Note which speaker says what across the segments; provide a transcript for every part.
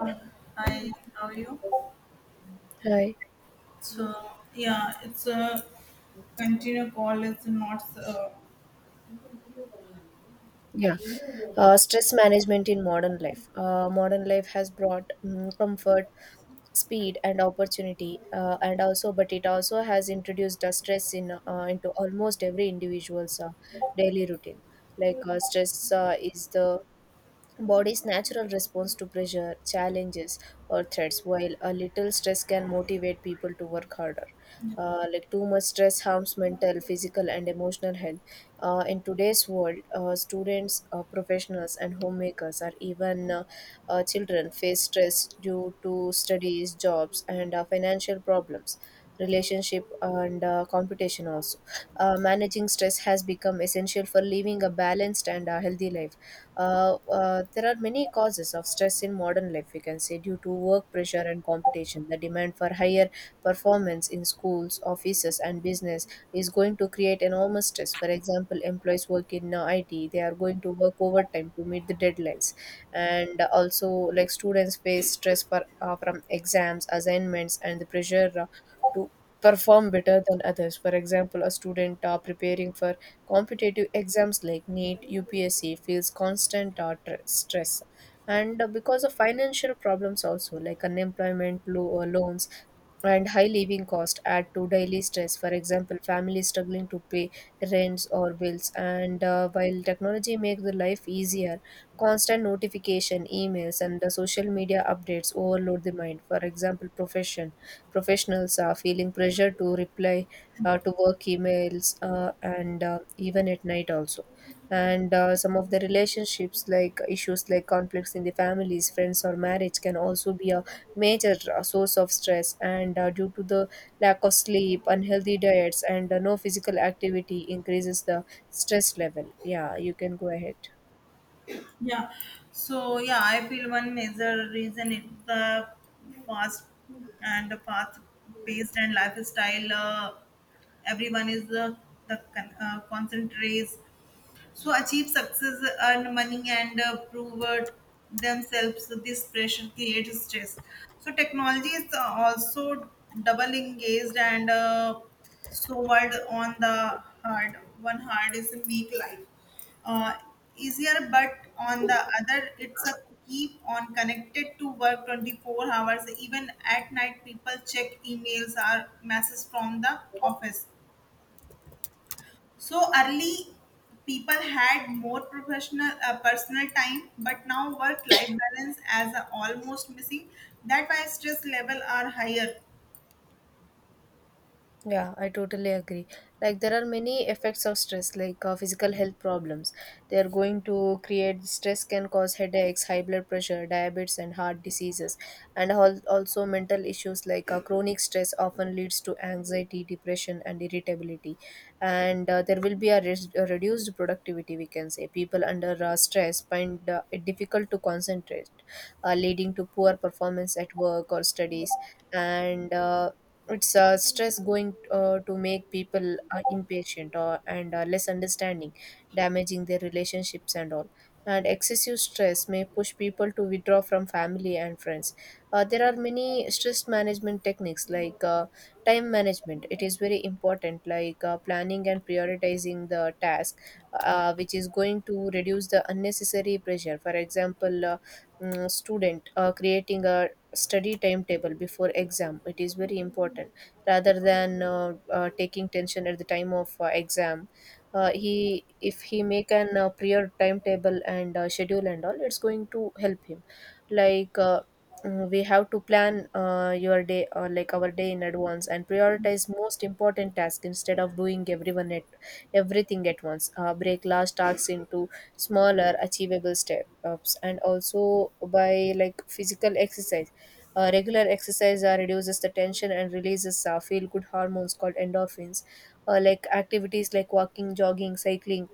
Speaker 1: Yeah. Hi, how are you?
Speaker 2: Hi.
Speaker 1: So yeah, it's a continue call. It's not
Speaker 2: Yeah. Stress management in modern life. Modern life has brought comfort, speed, and opportunity, but it also has introduced a stress in into almost every individual's daily routine. Stress is the body's natural response to pressure, challenges, or threats, while a little stress can motivate people to work harder. Like too much stress harms mental, physical, and emotional health. In today's world, students, professionals, and homemakers, or even children, face stress due to studies, jobs, and financial problems, relationship, and competition. Also, managing stress has become essential for living a balanced and healthy life. There are many causes of stress in modern life, we can say, due to work pressure and competition. The demand for higher performance in schools, offices, and business is going to create enormous stress. For example, employees work in IT, they are going to work overtime to meet the deadlines. And also, like students face stress from exams, assignments, and the pressure to perform better than others. For example, a student preparing for competitive exams like NEET, UPSC feels constant stress. And because of financial problems also like unemployment, loans, and high living cost add to daily stress. For example, families struggling to pay rents or bills. And while technology makes the life easier, constant notification, emails, and the social media updates overload the mind. For example, professionals are feeling pressure to reply to work emails and even at night also. And some of the relationships like issues like conflicts in the families, friends, or marriage can also be a major source of stress. And due to the lack of sleep, unhealthy diets, and no physical activity increases the stress level. Yeah, you can go ahead.
Speaker 1: yeah. So yeah, I feel one major reason is the fast and the fast paced and lifestyle. Everyone is the concentrates so achieve success, earn money, and prove themselves. So this pressure creates stress. So technology is also double engaged, and so what on the hard is make life uh, easier, but on the other it's a keep on connected to work 24 hours. Even at night people check emails or messages from the office. So early people had more professional personal time, but now work life balance as a almost missing. That why stress level are higher.
Speaker 2: Yeah, I totally agree. Like there are many effects of stress, like physical health problems. They are going to create stress, can cause headaches, high blood pressure, diabetes, and heart diseases, and also mental issues like chronic stress often leads to anxiety, depression, and irritability. And there will be a reduced productivity. We can say people under stress find it difficult to concentrate, leading to poor performance at work or studies and it's Stress going to make people impatient and less understanding, damaging their relationships and all. And excessive stress may push people to withdraw from family and friends. There are many stress management techniques, like time management. It is very important, like planning and prioritizing the task, which is going to reduce the unnecessary pressure. For example, mm, student creating a study timetable before exam, it is very important rather than taking tension at the time of exam. He if he make an prior timetable and schedule and all, it's going to help him. Like, we have to plan your day, or like, our day in advance and prioritize most important task instead of doing everyone at everything at once. Break large tasks into smaller achievable steps. And also, by like physical exercise, regular exercise reduces the tension and releases feel good hormones called endorphins. Like activities like walking, jogging, cycling,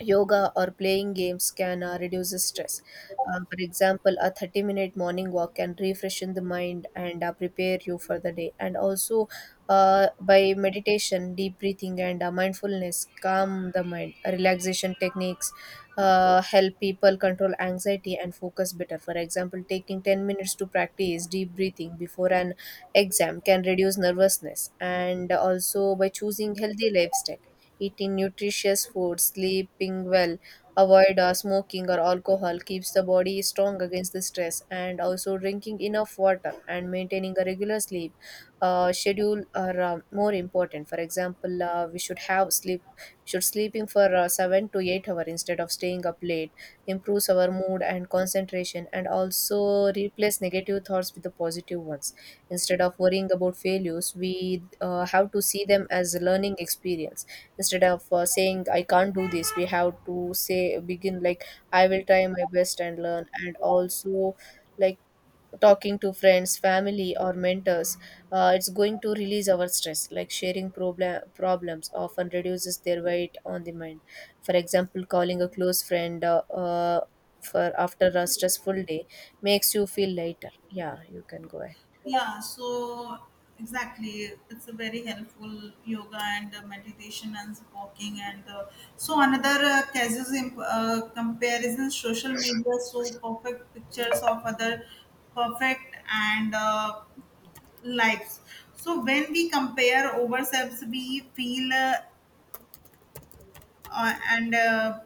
Speaker 2: yoga or playing games can reduce the stress. For example, a 30-minute morning walk can refreshen the mind and prepare you for the day. And also, by meditation, deep breathing, and mindfulness, calm the mind. Relaxation techniques help people control anxiety and focus better. For example, taking 10 minutes to practice deep breathing before an exam can reduce nervousness. And also, by choosing healthy lifestyle, eating nutritious food, sleeping well, avoid smoking or alcohol keeps the body strong against the stress. And also, drinking enough water and maintaining a regular sleep schedule are more important. For example, we should have sleep, we should sleeping for 7 to 8 hours instead of staying up late improves our mood and concentration. And also, replace negative thoughts with the positive ones. Instead of worrying about failures, we have to see them as a learning experience. Instead of saying I can't do this, we have to say, begin like I will try my best and learn. And also, like, talking to friends, family or mentors, it's going to release our stress. Like sharing problems often reduces their weight on the mind. For example, calling a close friend for, after a stressful day makes you feel lighter. Yeah, you can go ahead.
Speaker 1: Yeah, so exactly, it's a very helpful yoga and meditation and walking and so another casus in comparison social media. So perfect pictures of other perfect and lives. So when we compare ourselves, we feel and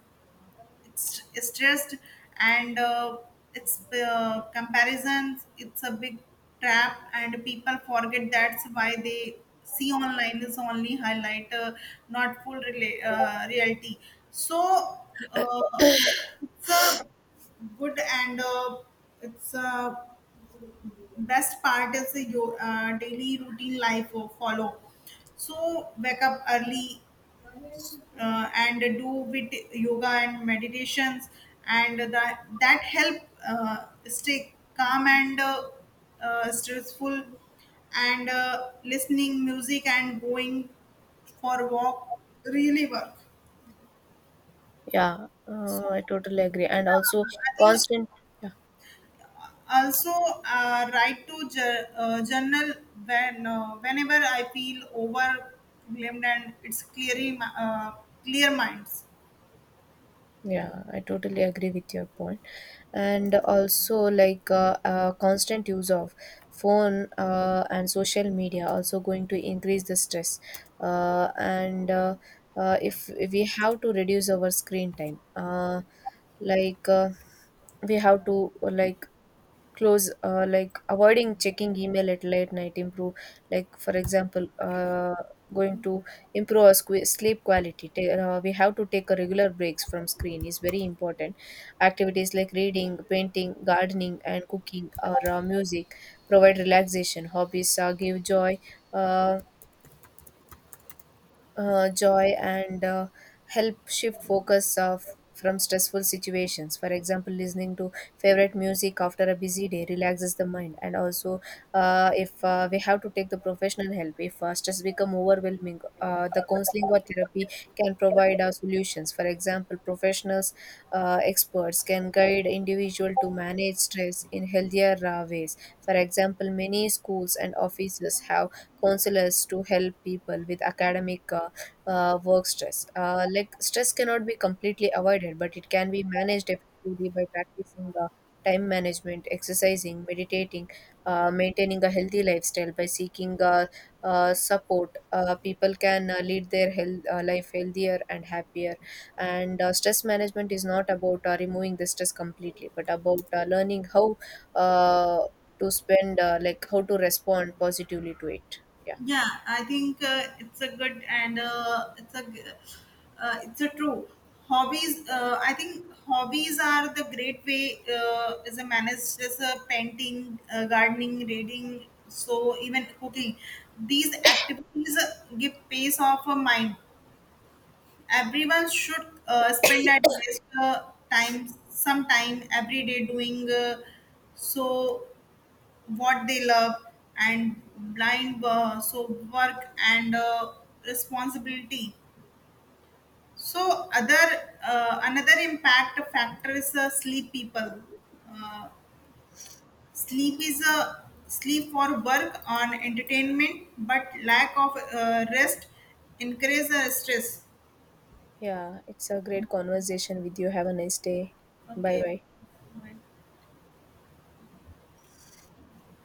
Speaker 1: it's stressed, and it's comparisons. It's a big trap, and people forget that's why they see online is only highlight, not reality. So uh, it's a good and it's a best part is the your daily routine life of follow. So wake up early, and do with yoga and meditations, and that help stay calm and stressful, and listening music and going for a walk really work.
Speaker 2: Yeah,
Speaker 1: So
Speaker 2: I totally agree. And
Speaker 1: yeah,
Speaker 2: also,
Speaker 1: I think
Speaker 2: constant yeah.
Speaker 1: also write to journal when whenever I feel overwhelmed and it's clearly clear minds.
Speaker 2: Yeah, I totally agree with your point. And also, like constant use of phone and social media also going to increase the stress. And if we have to reduce our screen time, like uh, we have to close avoiding checking email at late night improve, like, for example, going to improve our sleep quality. We have to take a regular breaks from screen, is very important. Activities like reading, painting, gardening and cooking or music provide relaxation. Hobbies give uh, joy and help shift focus of from stressful situations. For example, listening to favorite music after a busy day relaxes the mind. And also, if we have to take the professional help if stress become overwhelming. The counseling or therapy can provide solutions. For example, professionals, experts can guide individual to manage stress in healthier ways. For example, many schools and offices have counselors to help people with academic work stress. Like stress cannot be completely avoided, but it can be managed effectively by practicing time management, exercising, meditating, maintaining a healthy lifestyle, by seeking support. People can lead their life healthier and happier. And stress management is not about removing the stress completely, but about learning how uh, to spend like how to respond positively to it. Yeah.
Speaker 1: Yeah, I think it's a good and it's it's a true hobbies. I think hobbies are the great way as a manage as a painting, gardening, reading, so even cooking. These activities give pace of a mind. Everyone should spend at least time some time every day doing so what they love, and blind so work and responsibility. So other another impact factor is sleep. People uh, sleep is a sleep for work on entertainment, but lack of rest increases stress.
Speaker 2: Yeah, it's a great conversation with you. Have a nice day. Bye bye.
Speaker 1: Okay.